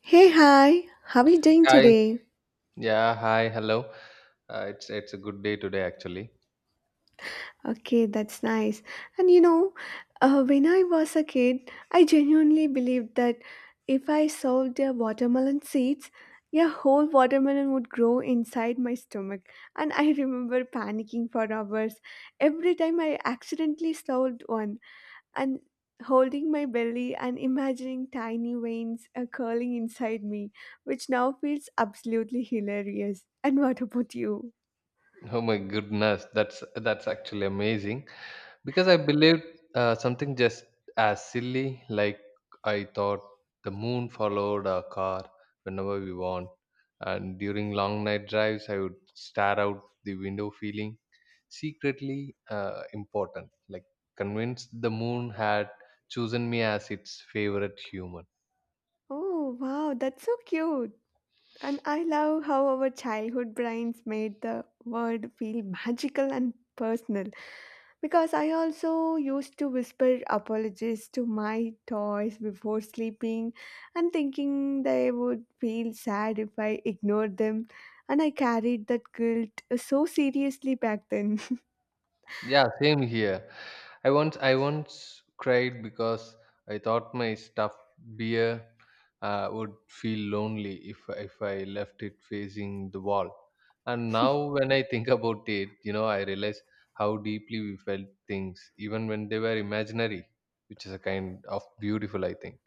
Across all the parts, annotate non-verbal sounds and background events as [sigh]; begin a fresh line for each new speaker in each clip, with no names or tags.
Hey, hi, how are you doing
Hi.
today?
Yeah. Hi. Hello. It's a good day today, actually.
Okay, that's nice. And you know, when I was a kid, I genuinely believed that if I sold the watermelon seeds, a whole watermelon would grow inside my stomach. And I [laughs] remember panicking for hours every time I accidentally sold one and holding my belly and imagining tiny veins curling inside me, which now feels absolutely hilarious. And what about you?
Oh my goodness, that's actually amazing because I believed something just as silly, like I thought the moon followed our car whenever we want, and during long night drives I would stare out the window feeling secretly important, like convinced the moon had chosen me as its favorite human.
Oh, wow, that's so cute. And I love how our childhood brains made the word feel magical and personal. Because I also used to whisper apologies to my toys before sleeping and thinking they would feel sad if I ignored them. And I carried that guilt so seriously back then.
Yeah, same here. I once cried because I thought my stuffed beer would feel lonely if I left it facing the wall. And now when I think [laughs] about it, I realize how deeply we felt things, even when they were imaginary, which is a kind of beautiful, I think.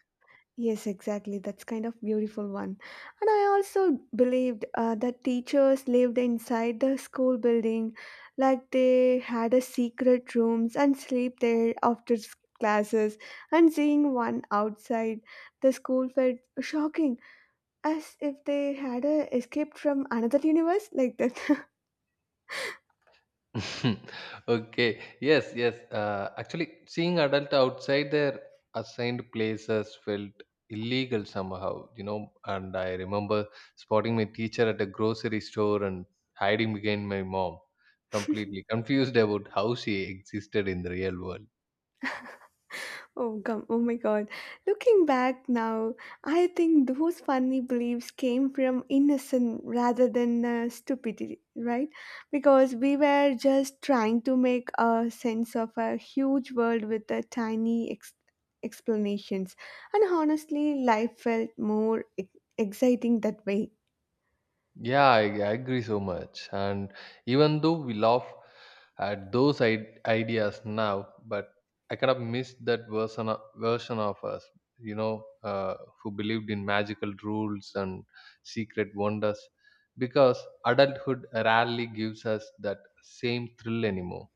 Yes, exactly. That's kind of beautiful one. And I also believed that teachers lived inside the school building, like they had a secret rooms and sleep there after classes. And seeing one outside the school felt shocking, as if they had escaped from another universe like that. [laughs]
[laughs] Okay, yes. Actually, seeing adult outside their assigned places felt illegal somehow, you know, and I remember spotting my teacher at a grocery store and hiding behind my mom, completely confused about how she existed in the real world.
Oh, come, oh my God. Looking back now, I think those funny beliefs came from innocence rather than stupidity, right? Because we were just trying to make a sense of a huge world with a tiny explanations. And honestly, life felt more exciting that way.
Yeah, I agree so much. And even though we laugh at those ideas now, but I kind of miss that version of us, you know, uh, who believed in magical rules and secret wonders, because adulthood rarely gives us that same thrill anymore.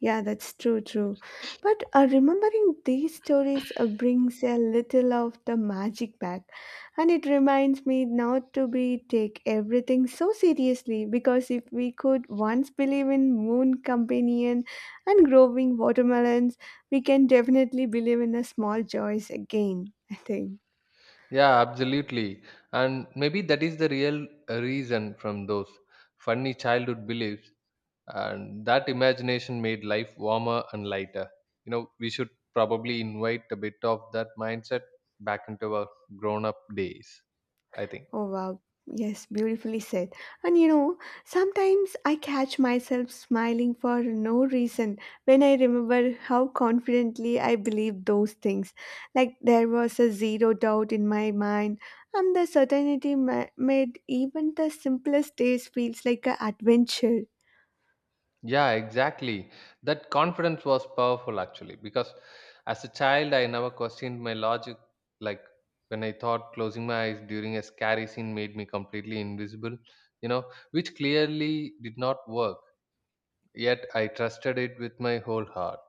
Yeah, that's true, true. But remembering these stories brings a little of the magic back. And it reminds me not to be take everything so seriously because if we could once believe in moon companion and growing watermelons, we can definitely believe in a small joys again, [laughs] I think.
Yeah, absolutely. And maybe that is the real reason from those funny childhood beliefs, and that imagination made life warmer and lighter. You know, we should probably invite a bit of that mindset back into our grown up days, I think.
Oh wow, yes, beautifully said. And you know, sometimes I catch myself smiling for no reason when I remember how confidently I believed those things. Like there was a zero doubt in my mind, and the certainty made even the simplest days feels like an adventure.
Yeah, exactly. That confidence was powerful, actually, because as a child I never questioned my logic. Like, when I thought closing my eyes during a scary scene made me completely invisible, you know, which clearly did not work, yet I trusted it with my whole heart.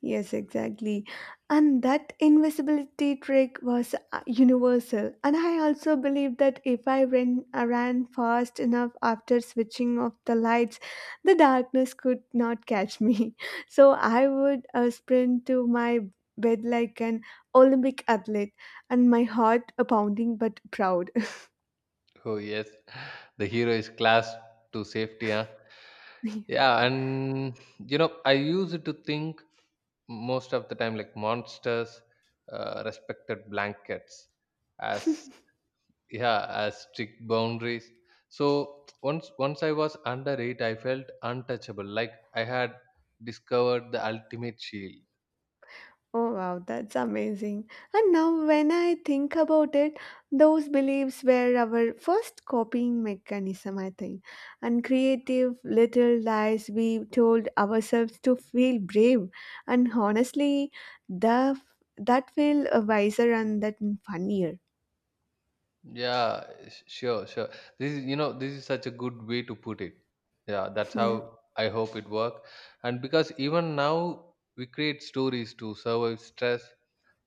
Yes, exactly. And that invisibility trick was universal. And I also believe that if I ran fast enough after switching off the lights, the darkness could not catch me. [laughs] So I would sprint to my bed like an Olympic athlete and my heart pounding but proud.
Oh yes, the hero is class to safety, huh?
[laughs]
Yeah, and you know, I used to think most of the time, like, monsters respected blankets as, yeah, as strict boundaries. So once I was under it, I felt untouchable, like I had discovered the ultimate shield.
Oh wow, that's amazing. And now, when I think about it, those beliefs were our first copying mechanism, I think, and creative little lies we told ourselves to feel brave. And honestly, the that feel wiser and that funnier.
Yeah, sure. This is, you know, this is such a good way to put it. Yeah,
[laughs]
that's
Yeah.
how I hope it work. And because even now we create stories to survive stress,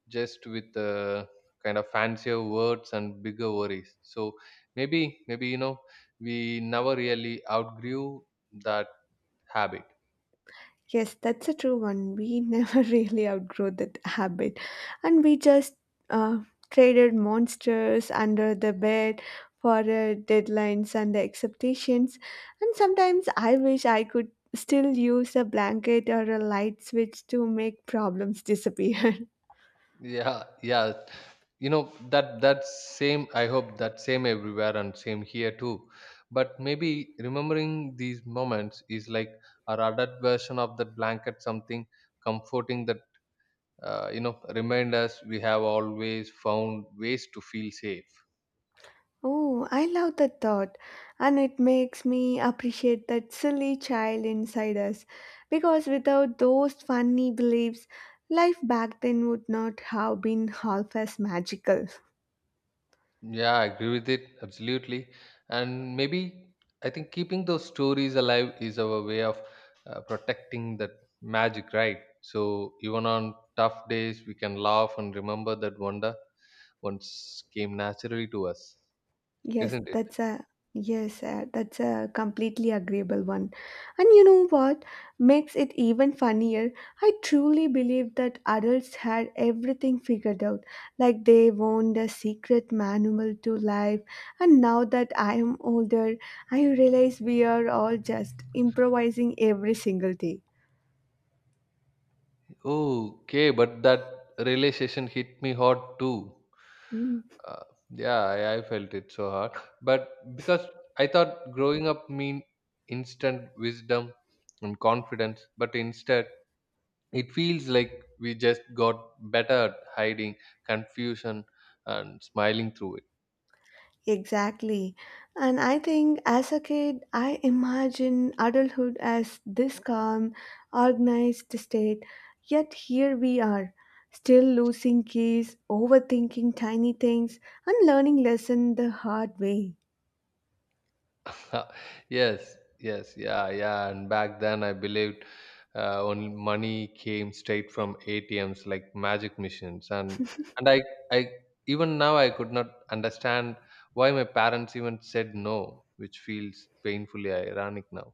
just with kind of fancier words and bigger worries. So maybe, you know, we never really outgrew that habit.
Yes, that's a true one. We [laughs] never really outgrow that habit. And we just uh, traded monsters under the bed for deadlines and the expectations. And sometimes I wish I could still use a blanket or a light switch to make problems disappear. [laughs]
Yeah, yeah. You know, that same, I hope that same everywhere, and same here too. But maybe remembering these moments is like our adult version of that blanket, something comforting that, you know, remind us we have always found ways to feel safe.
Oh, I love that thought, and it makes me appreciate that silly child inside us because without those funny beliefs, life back then would not have been half as magical.
Yeah, I agree with it absolutely. And maybe, I think keeping those stories alive is our way of protecting that magic, right? So even on tough days, we can laugh and remember that wonder once came naturally to us,
Yes,
isn't it?
that's a yes, that's a completely agreeable one. And you know what makes it even funnier? I truly believe that adults had everything figured out. Like they owned a secret manual to life. And now that I am older, I realize we are all just improvising every single day.
Okay, but that realization hit me hard too.
Mm.
Uh, yeah, I felt it so hard. But because I thought growing up mean instant wisdom and confidence, but instead it feels like we just got better at hiding confusion and smiling through
Exactly. And I think as a kid, I imagine adulthood as this calm, organized state. Yet here we are, still losing keys, overthinking tiny things, and learning lesson the hard way.
it. [laughs] yes yes yeah and back then I believed only money came straight from ATMs, like magic machines. And and i i even now I could not understand why my parents even said no, which feels painfully ironic now.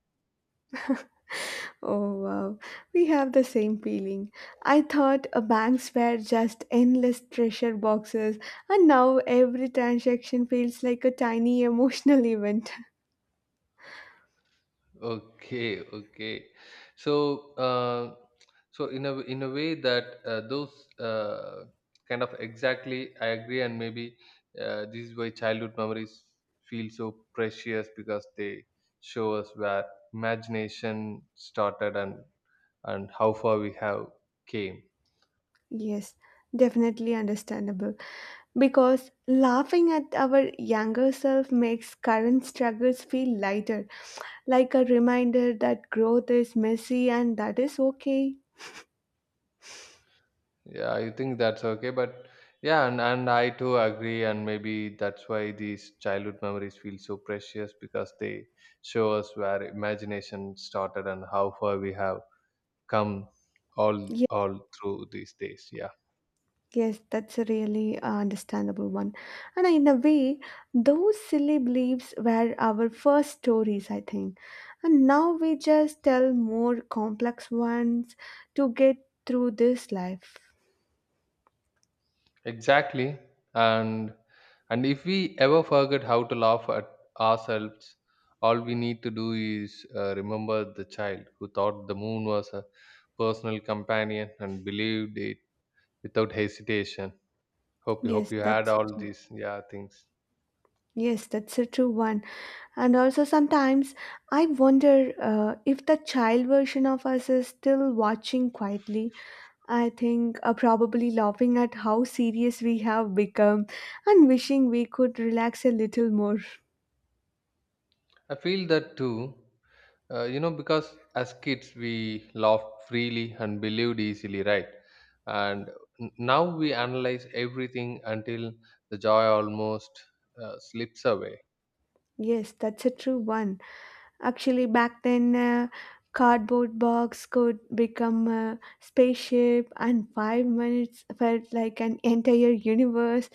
Oh wow, we have the same feeling. I thought banks were just endless treasure boxes, and now every transaction feels like a tiny emotional event. [laughs]
Okay, okay. So, uh, so in a way that those kind of, exactly, I agree. And maybe this is why childhood memories feel so precious, because they show us where imagination started and how far we have came.
Yes, definitely understandable. Because laughing at our younger self makes current struggles feel lighter, like a reminder that growth is messy and that is okay.
Yeah, I think that's okay. But yeah, and I too agree. And maybe that's why these childhood memories feel so precious, because they show us where imagination started and how far we have come all
Yes,
all through these days. Yeah,
yes that's a really understandable one. And in a way, those silly beliefs were our first stories, I think. And now we just tell more complex ones to get through this life.
exactly. And and if we ever forget how to laugh at ourselves, all we need to do is remember the child who thought the moon was a personal companion and believed it without hesitation. Hope you hope
Yes,
you had
that's
all these, yeah, things.
Yes, that's a true one. And also, sometimes I wonder if the child version of us is still watching quietly. I think probably laughing at how serious we have become and wishing we could relax a little more.
I feel that too. You know, because as kids we laughed freely and believed easily, right? And now we analyze everything until the joy almost slips away.
Yes, that's a true one. Actually, back then, cardboard box could become a spaceship, and five minutes felt like an entire universe,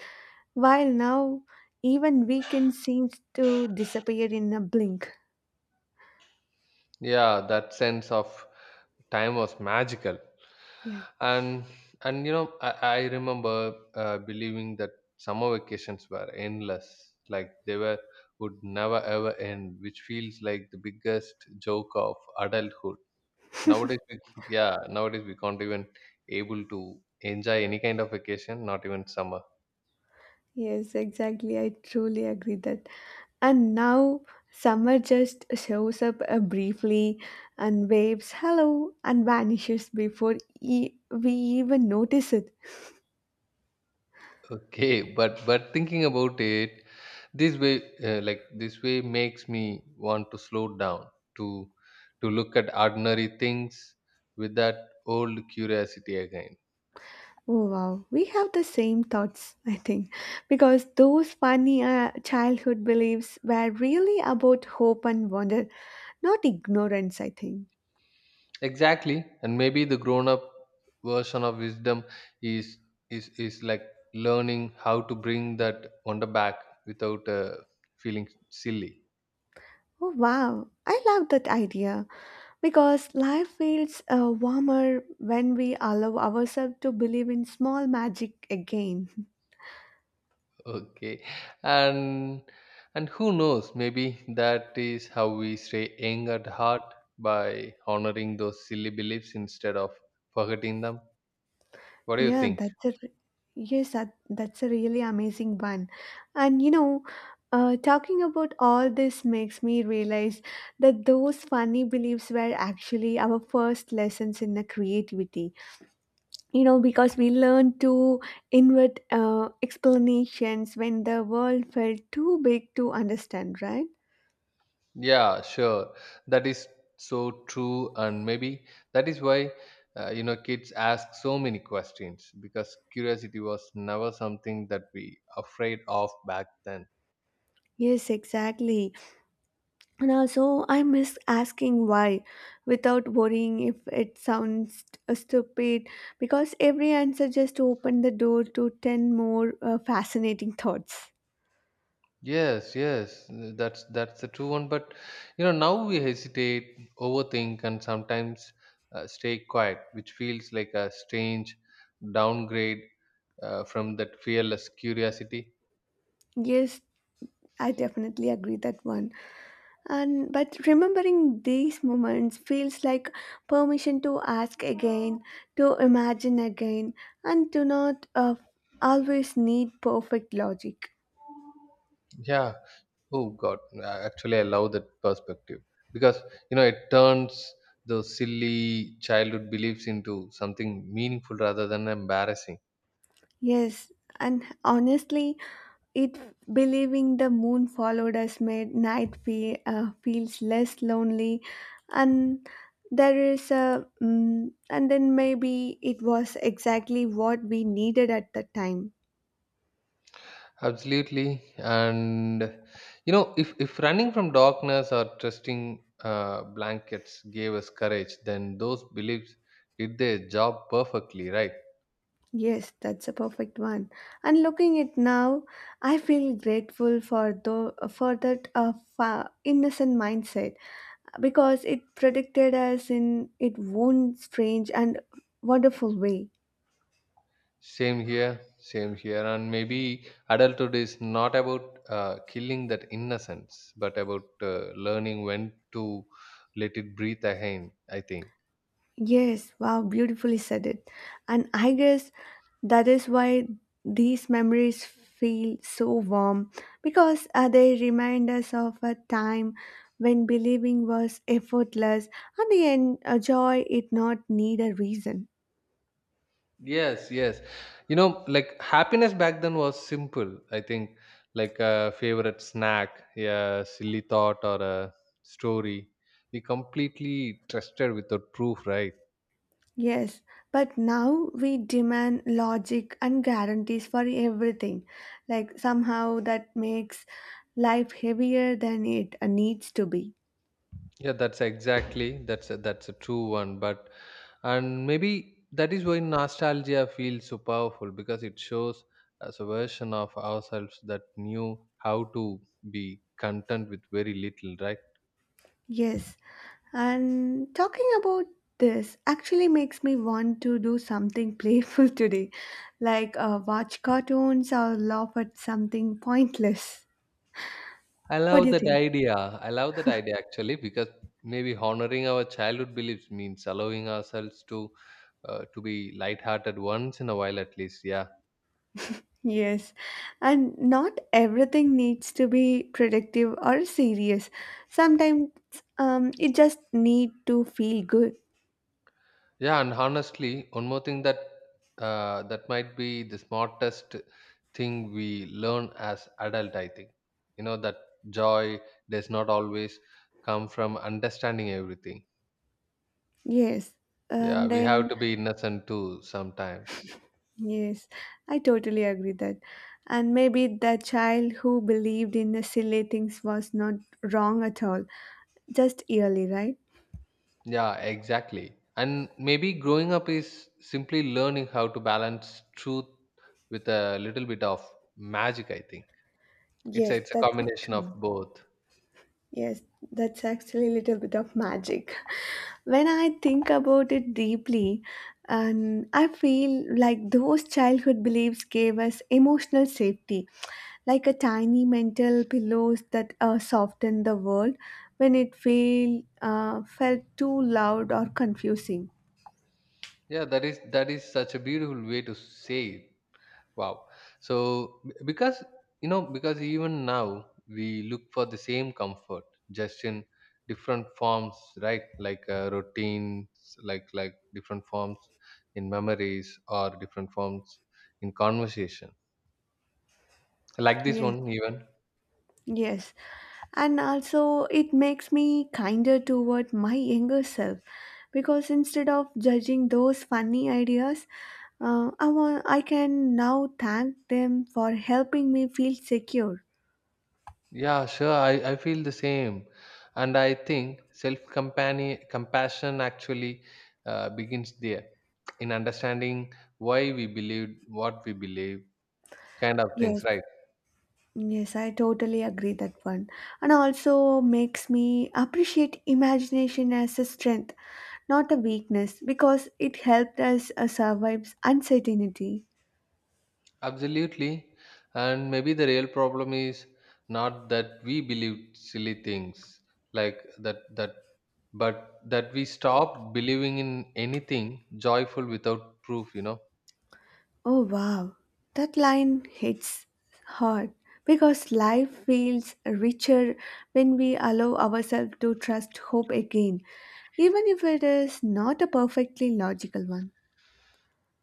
while now even weekend seems to disappear in a blink.
Yeah, that sense of time was magical.
Yeah.
and and you know, I remember believing that summer vacations were endless, like they were, would never ever end, which feels like the biggest joke of adulthood nowadays. Yeah, nowadays we can't even able to enjoy any kind of vacation, not even summer.
Yes, exactly. I truly agree that. And now summer just shows up briefly and waves hello and vanishes before we even notice it.
Okay, but thinking about it, this way, like this way, makes me want to slow down to to look at ordinary things with that old curiosity again.
Oh wow, we have the same thoughts, [laughs] I think, because those funny childhood beliefs were really about hope and wonder, not ignorance, I think.
Exactly, and maybe the grown-up version of wisdom is is like learning how to bring that wonder back without feeling silly.
Oh wow, I love that idea. Because life feels warmer when we allow ourselves to believe in small magic again. [laughs]
Okay. And and who knows, maybe that is how we stay young at heart, by honoring those silly beliefs instead of forgetting them. What do you
Yeah,
think?
that's a re- yes, that, that's a really amazing one. And you know, talking about all this makes me realize that those funny beliefs were actually our first lessons in the creativity. You know, because we learned to invert explanations when the world felt too big to understand, right?
Yeah, sure. That is so true, and maybe that is why, you know, kids ask so many questions, because curiosity was never something that we afraid of back then.
Yes, exactly. And also, I miss asking why without worrying if it sounds stupid because every answer just opened the door to 10 more fascinating thoughts.
Yes, yes, that's the true one. But you know, now we hesitate, overthink, and sometimes stay quiet, which feels like a strange downgrade from that fearless curiosity.
Yes, I definitely agree that one. And but remembering these moments feels like permission to ask again, to imagine again, and to not always need perfect logic.
Yeah. Oh God. Actually, I love that perspective, because you know, it turns those silly childhood beliefs into something meaningful rather than embarrassing.
Yes, and honestly, It believing the moon followed us made night feel, feels less lonely, and there is a and then maybe it was exactly what we needed at the time.
Absolutely, and you know, if running from darkness or trusting blankets gave us courage, then those beliefs did their job perfectly, right?
Yes, that's a perfect one. And looking at now, I feel grateful for though for that innocent mindset because it protected us in it own strange and wonderful way.
Same here, and maybe adulthood is not about killing that innocence, but about learning when to let it breathe again, I think.
Yes, wow, beautifully said it. And I guess that is why these memories feel so warm because they remind us of a time when believing was effortless and the joy it not need a reason.
Yes, yes. You know, like, happiness back then was simple. I think, like, a favorite snack, a silly thought, or a story we completely trusted without proof, right?
Yes, but now we demand logic and guarantees for everything. Like somehow that makes life heavier than it needs to be.
Yeah, that's exactly, that's a true one. But and maybe that is why nostalgia feels so powerful, because it shows us a version of ourselves that knew how to be content with very little, right?
Yes, and talking about this actually makes me want to do something playful [laughs] today, like watch cartoons or laugh at something pointless.
I
What do
love
you
that
think?
idea. I love that idea, actually, because maybe honoring our childhood beliefs means allowing ourselves to be lighthearted once in a while at least. Yeah,
Yes, and not everything needs to be productive or serious. Sometimes it just need to feel good.
yeah. And honestly, one more thing, that that might be the smartest thing we learn as adult, I think. You know that joy does not always come from understanding everything.
Yes,
Yeah,
and
we have
then
to be innocent too sometimes.
Yes, I totally agree that. And maybe the child who believed in the silly things was not wrong at all, just early, right?
Yeah, exactly. And maybe growing up is simply learning how to balance truth with a little bit of magic, I think.
Yes,
It's a
that's it.
combination of
True.
both.
Yes, that's actually a little bit of magic. [laughs] When I think about it deeply, and I feel like those childhood beliefs gave us emotional safety, like a tiny mental pillows that soften the world when it felt too loud or confusing.
Yeah, that is, that is such a beautiful way to say it. Wow. So, because you know, because even now we look for the same comfort, just in different forms, right? Like, routines, like different forms in memories, or different forms in conversation like this
Yes,
one even.
yes. And also, it makes me kinder toward my younger self because instead of judging those funny ideas, I can now thank them for helping me feel secure.
Yeah, sure, I feel the same, and I think self compassion, actually, begins there, in understanding why we believe what we believe, kind of things,
Yes,
right?
yes, I totally agree that one. And also makes me appreciate imagination as a strength, not a weakness, because it helped us survive uncertainty.
Absolutely, and maybe the real problem is not that we believe silly things, like that, but that we stop believing in anything joyful without proof, you know?
Oh wow, that line hits hard because life feels richer when we allow ourselves to trust hope again, even if it is not a perfectly logical one.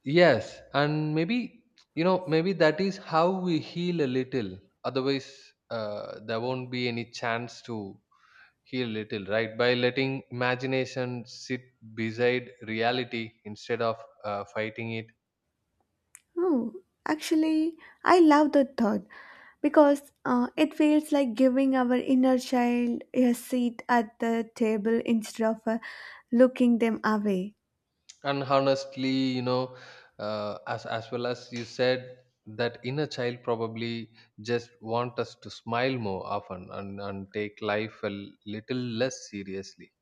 Yes, and maybe, you know, maybe that is how we heal a little. Otherwise, there won't be any chance to heal a little, right? By letting imagination sit beside reality instead of fighting it.
Oh, actually, I love that thought because it feels like giving our inner child a seat at the table instead of looking them away.
And honestly, you know, as well as you said, that inner child probably just want us to smile more often and take life a little less seriously.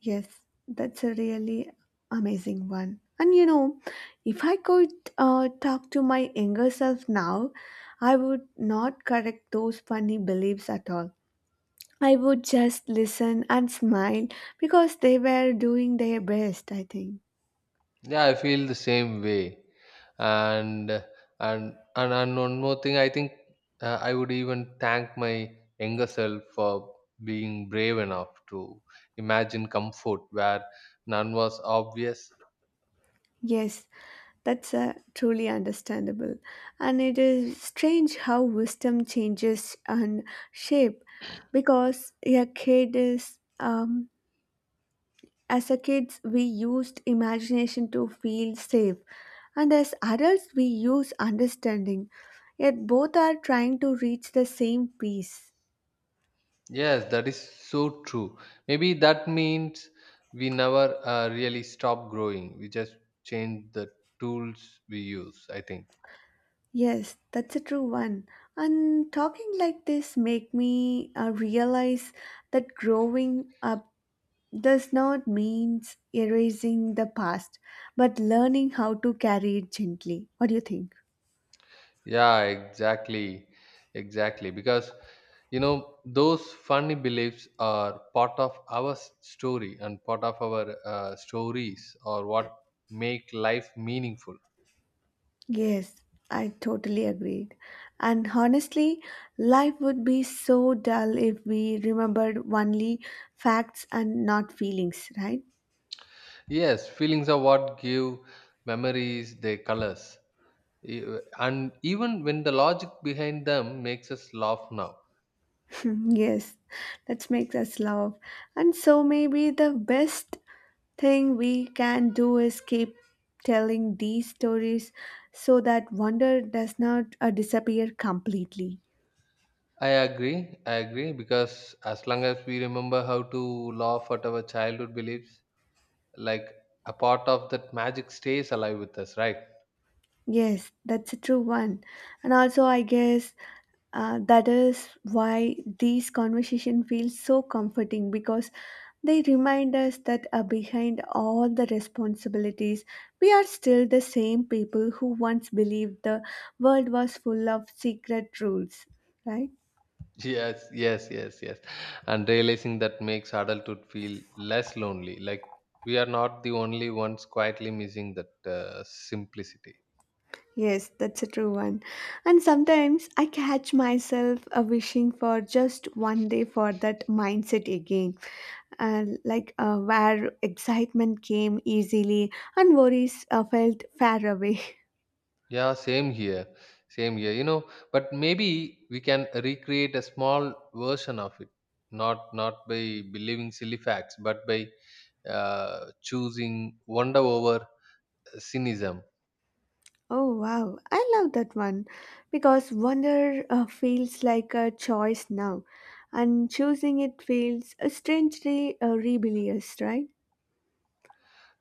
Yes, that's a really amazing one. And you know, if I could talk to my younger self now, I would not correct those funny beliefs at all. I would just listen and smile because they were doing their best, I think.
Yeah, I feel the same way. And and one more thing, I think I would even thank my younger self for being brave enough to imagine comfort where none was obvious.
Yes, that's truly understandable. And it is strange how wisdom changes and shape because a kid is as a kids, we used imagination to feel safe, and as adults, we use understanding. Yet both are trying to reach the same peace.
Yes, that is so true. Maybe that means we never really stop growing. We just change the tools we use, I think.
Yes, that's a true one. And talking like this make me realize that growing up does not mean erasing the past, but learning how to carry it gently. What do you think?
Yeah, exactly. Exactly. Because, you know, those funny beliefs are part of our story, and part of our stories, or what make life meaningful.
Yes, I totally agreed. And honestly, life would be so dull if we remembered only facts and not feelings, right?
Yes, feelings are what give memories their colors. E, And even when the logic behind them makes us laugh now.
[laughs] yes, that makes us love. And so maybe the best thing we can do is keep telling these stories so that wonder does not disappear completely.
I agree. I agree because as long as we remember how to laugh at our childhood beliefs, like a part of that magic stays alive with us, right?
Yes, that's a true one. And also, I guess that is why these conversation feels so comforting because they remind us that behind all the responsibilities, we are still the same people who once believed the world was full of secret rules, right?
[laughs] Yes, yes, yes, yes, and realizing that makes adulthood feel less lonely, like we are not the only ones quietly missing that simplicity.
Yes, that's a true one. And sometimes I catch myself wishing for just one day for that mindset again and where excitement came easily and worries felt far away. [laughs]
Yeah, same here. Same here. But maybe we can recreate a small version of it, not by believing silly facts, but by choosing wonder over cynicism.
Oh wow, I love that one because wonder feels like a choice now, and choosing it feels strangely rebellious, right?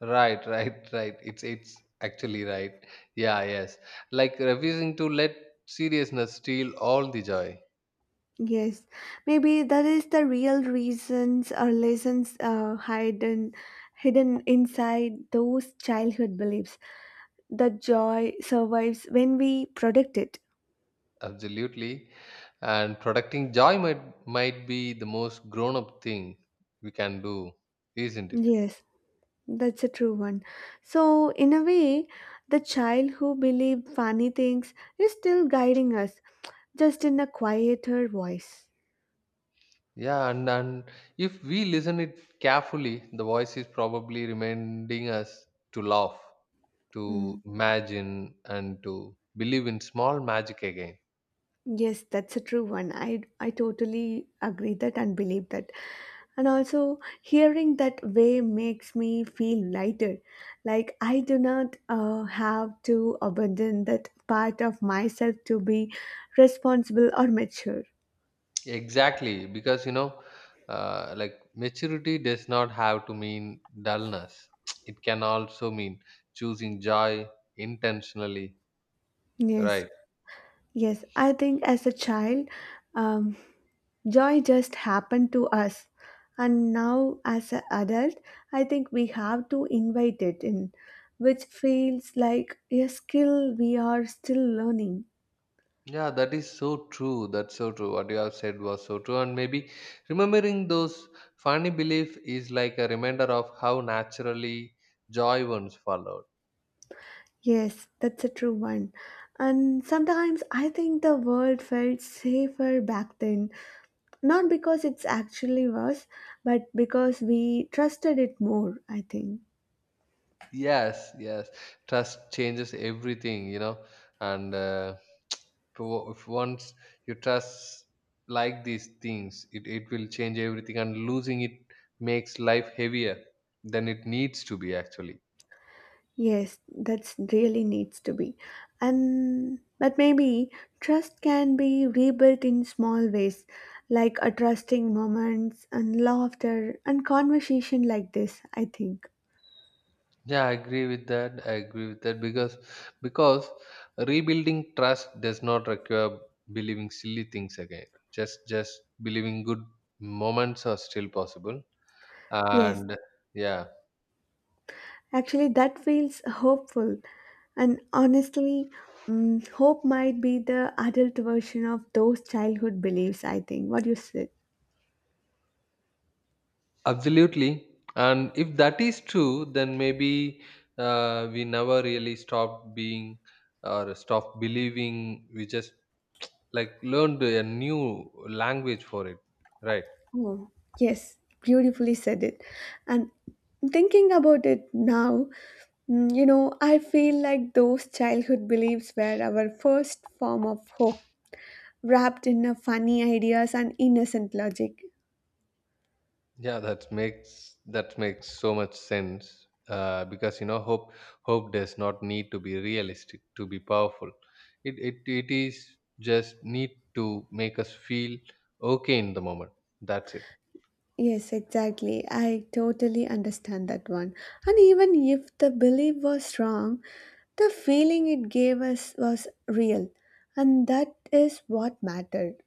Right, right, right. It's actually right. Yeah, yes. Like refusing to let seriousness steal all the joy.
Yes, maybe that is the real reasons or lessons hidden inside those childhood beliefs. The joy survives when we protect it.
Absolutely. And protecting joy might be the most grown up thing we can do, isn't it?
Yes. That's a true one. So, in a way, the child who believed funny things is still guiding us, just in a quieter voice.
Yeah, and if we listen it carefully, the voice is probably reminding us to laugh,
Mm.
to imagine and to believe in small magic again.
Yes, that's a true one. I totally agree that and believe that. And also, hearing that way makes me feel lighter. Like, I do not have to abandon that part of myself to be responsible or mature.
Exactly, because like maturity does not have to mean dullness. [tsk] It can also mean choosing joy intentionally,
Yes,
right?
yes. I think as a child, um, joy just happened to us. And now, as an adult, I think we have to invite it in, which feels like a skill we are still learning.
Yeah, that is so true. That's so true. What you have said was so true. And maybe remembering those funny belief is like a reminder of how naturally joy once followed.
Yes, that's a true one. And sometimes I think the world felt safer back then, not because it's actually was, but because we trusted it more, I think.
Yes, yes. Trust changes everything, you know. And [tsk] if once you trust like these things, it will change everything. And losing it makes life heavier than it needs to be, actually.
Yes, that's really needs to be. And but maybe trust can be rebuilt in small ways, like a trusting moments and laughter and conversation like this, I think.
Yeah, I agree with that. I agree with that because rebuilding trust does not require believing silly things again. Just believing good moments are still possible.
Yes,
And yeah.
actually that feels hopeful. And honestly, mm, hope might be the adult version of those childhood beliefs, I think. What do you say?
Absolutely. And if that is true, then maybe we never really stopped being, or stopped believing. We just learned a new language for it, right?
Oh, yes, beautifully said it. And thinking about it now, mm, you know, I feel like those childhood beliefs were our first form of hope, wrapped in a funny ideas and innocent logic.
Yeah, that makes so much sense. Because you know, hope does not need to be realistic to be powerful. It is just need to make us feel okay in the moment. That's it.
Yes, exactly. I totally understand that one. And even if the belief was wrong, the feeling it gave us was real, and that is what mattered.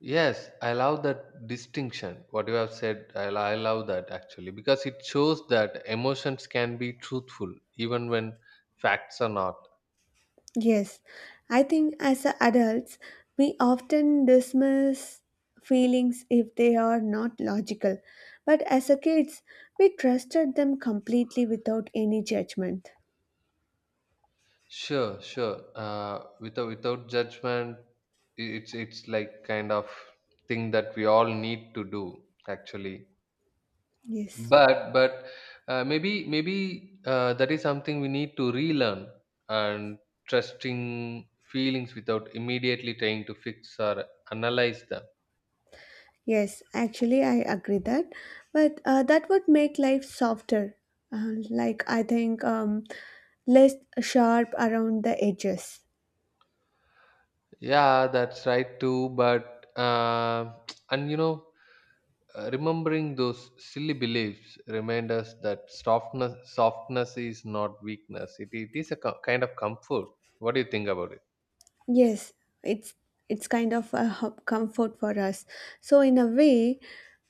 Yes, I love that distinction. What you have said, I love that actually, because it shows that emotions can be truthful even when facts are not.
Yes, I think as a adults, we often dismiss feelings if they are not logical. But as a kids, we trusted them completely without any judgment.
Sure, sure. Without judgment, it's like kind of thing that we all need to do actually.
Yes,
But maybe that is something we need to relearn, and trusting feelings without immediately trying to fix or analyze them.
yes, actually, I agree that. But that would make life softer. Like, I think less sharp around the edges.
Yeah, that's right too. But [tsk] and you know, remembering those silly beliefs remind us that softness is not weakness. It is a kind of comfort. What do you think about it?
Yes, it's it's kind of a h- comfort for us. So in a way,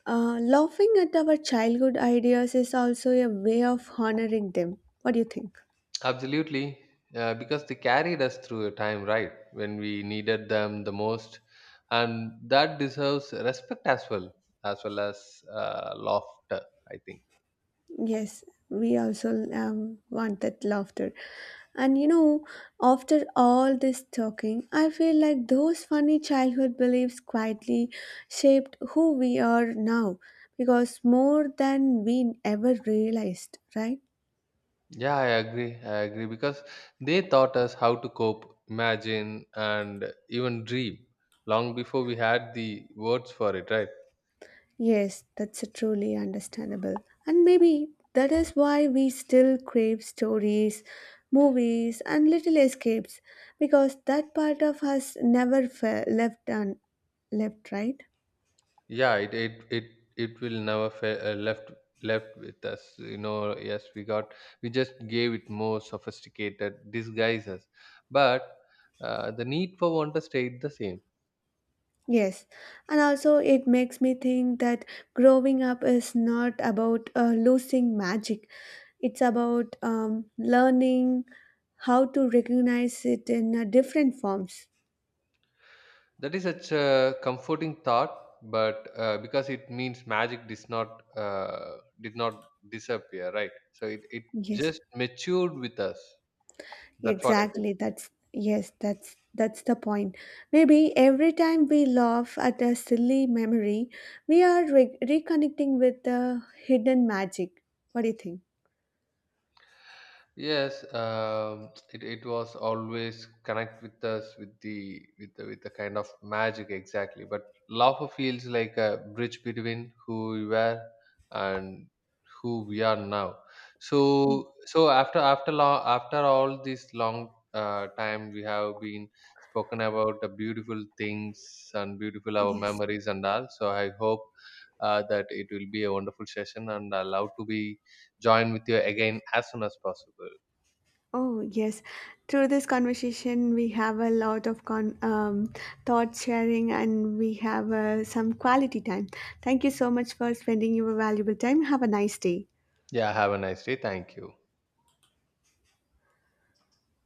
laughing at our childhood ideas is also a way of honoring them. What do you think?
Absolutely, because they carried us through a time, right, when we needed them the most, and that deserves respect as well, as well as laughter. I think.
Yes, we also want that laughter. And you know, after all this talking, I feel like those funny childhood beliefs quietly shaped who we are now because more than we ever realized, right?
Yeah, I agree. I agree because they taught us how to cope, imagine, and even dream long before we had the words for it. Right?
Yes, that's a truly understandable. And maybe that is why we still crave stories, movies, and little escapes because that part of us never left, right?
Yeah, it will never left with us. You know, we just gave it more sophisticated disguises, but the need for wonder stayed the same.
Yes. And also, it makes me think that growing up is not about losing magic, it's about learning how to recognize it in different forms.
That is such a comforting thought, but because it means magic does not did not disappear, right? So it
Yes.
just matured with us. That's what I think.
Exactly. That's yes, that's the point. Maybe every time we laugh at a silly memory, we are reconnecting with the hidden magic. What do you think?
Yes, it was always connect with us with the kind of magic exactly. But love feels like a bridge between who we were and who we are now.
Ye-
So so after after long after all this long time, we have been spoken about the beautiful things and beautiful our
Yes.
memories and all. So I hope that it will be a wonderful session, and I love to be join with you again as soon as possible.
Oh, yes. Through this conversation, we have a lot of thought sharing and we have some quality time. Thank you so much for spending your valuable time. Have a nice day.
Yeah, have a nice day. Thank you.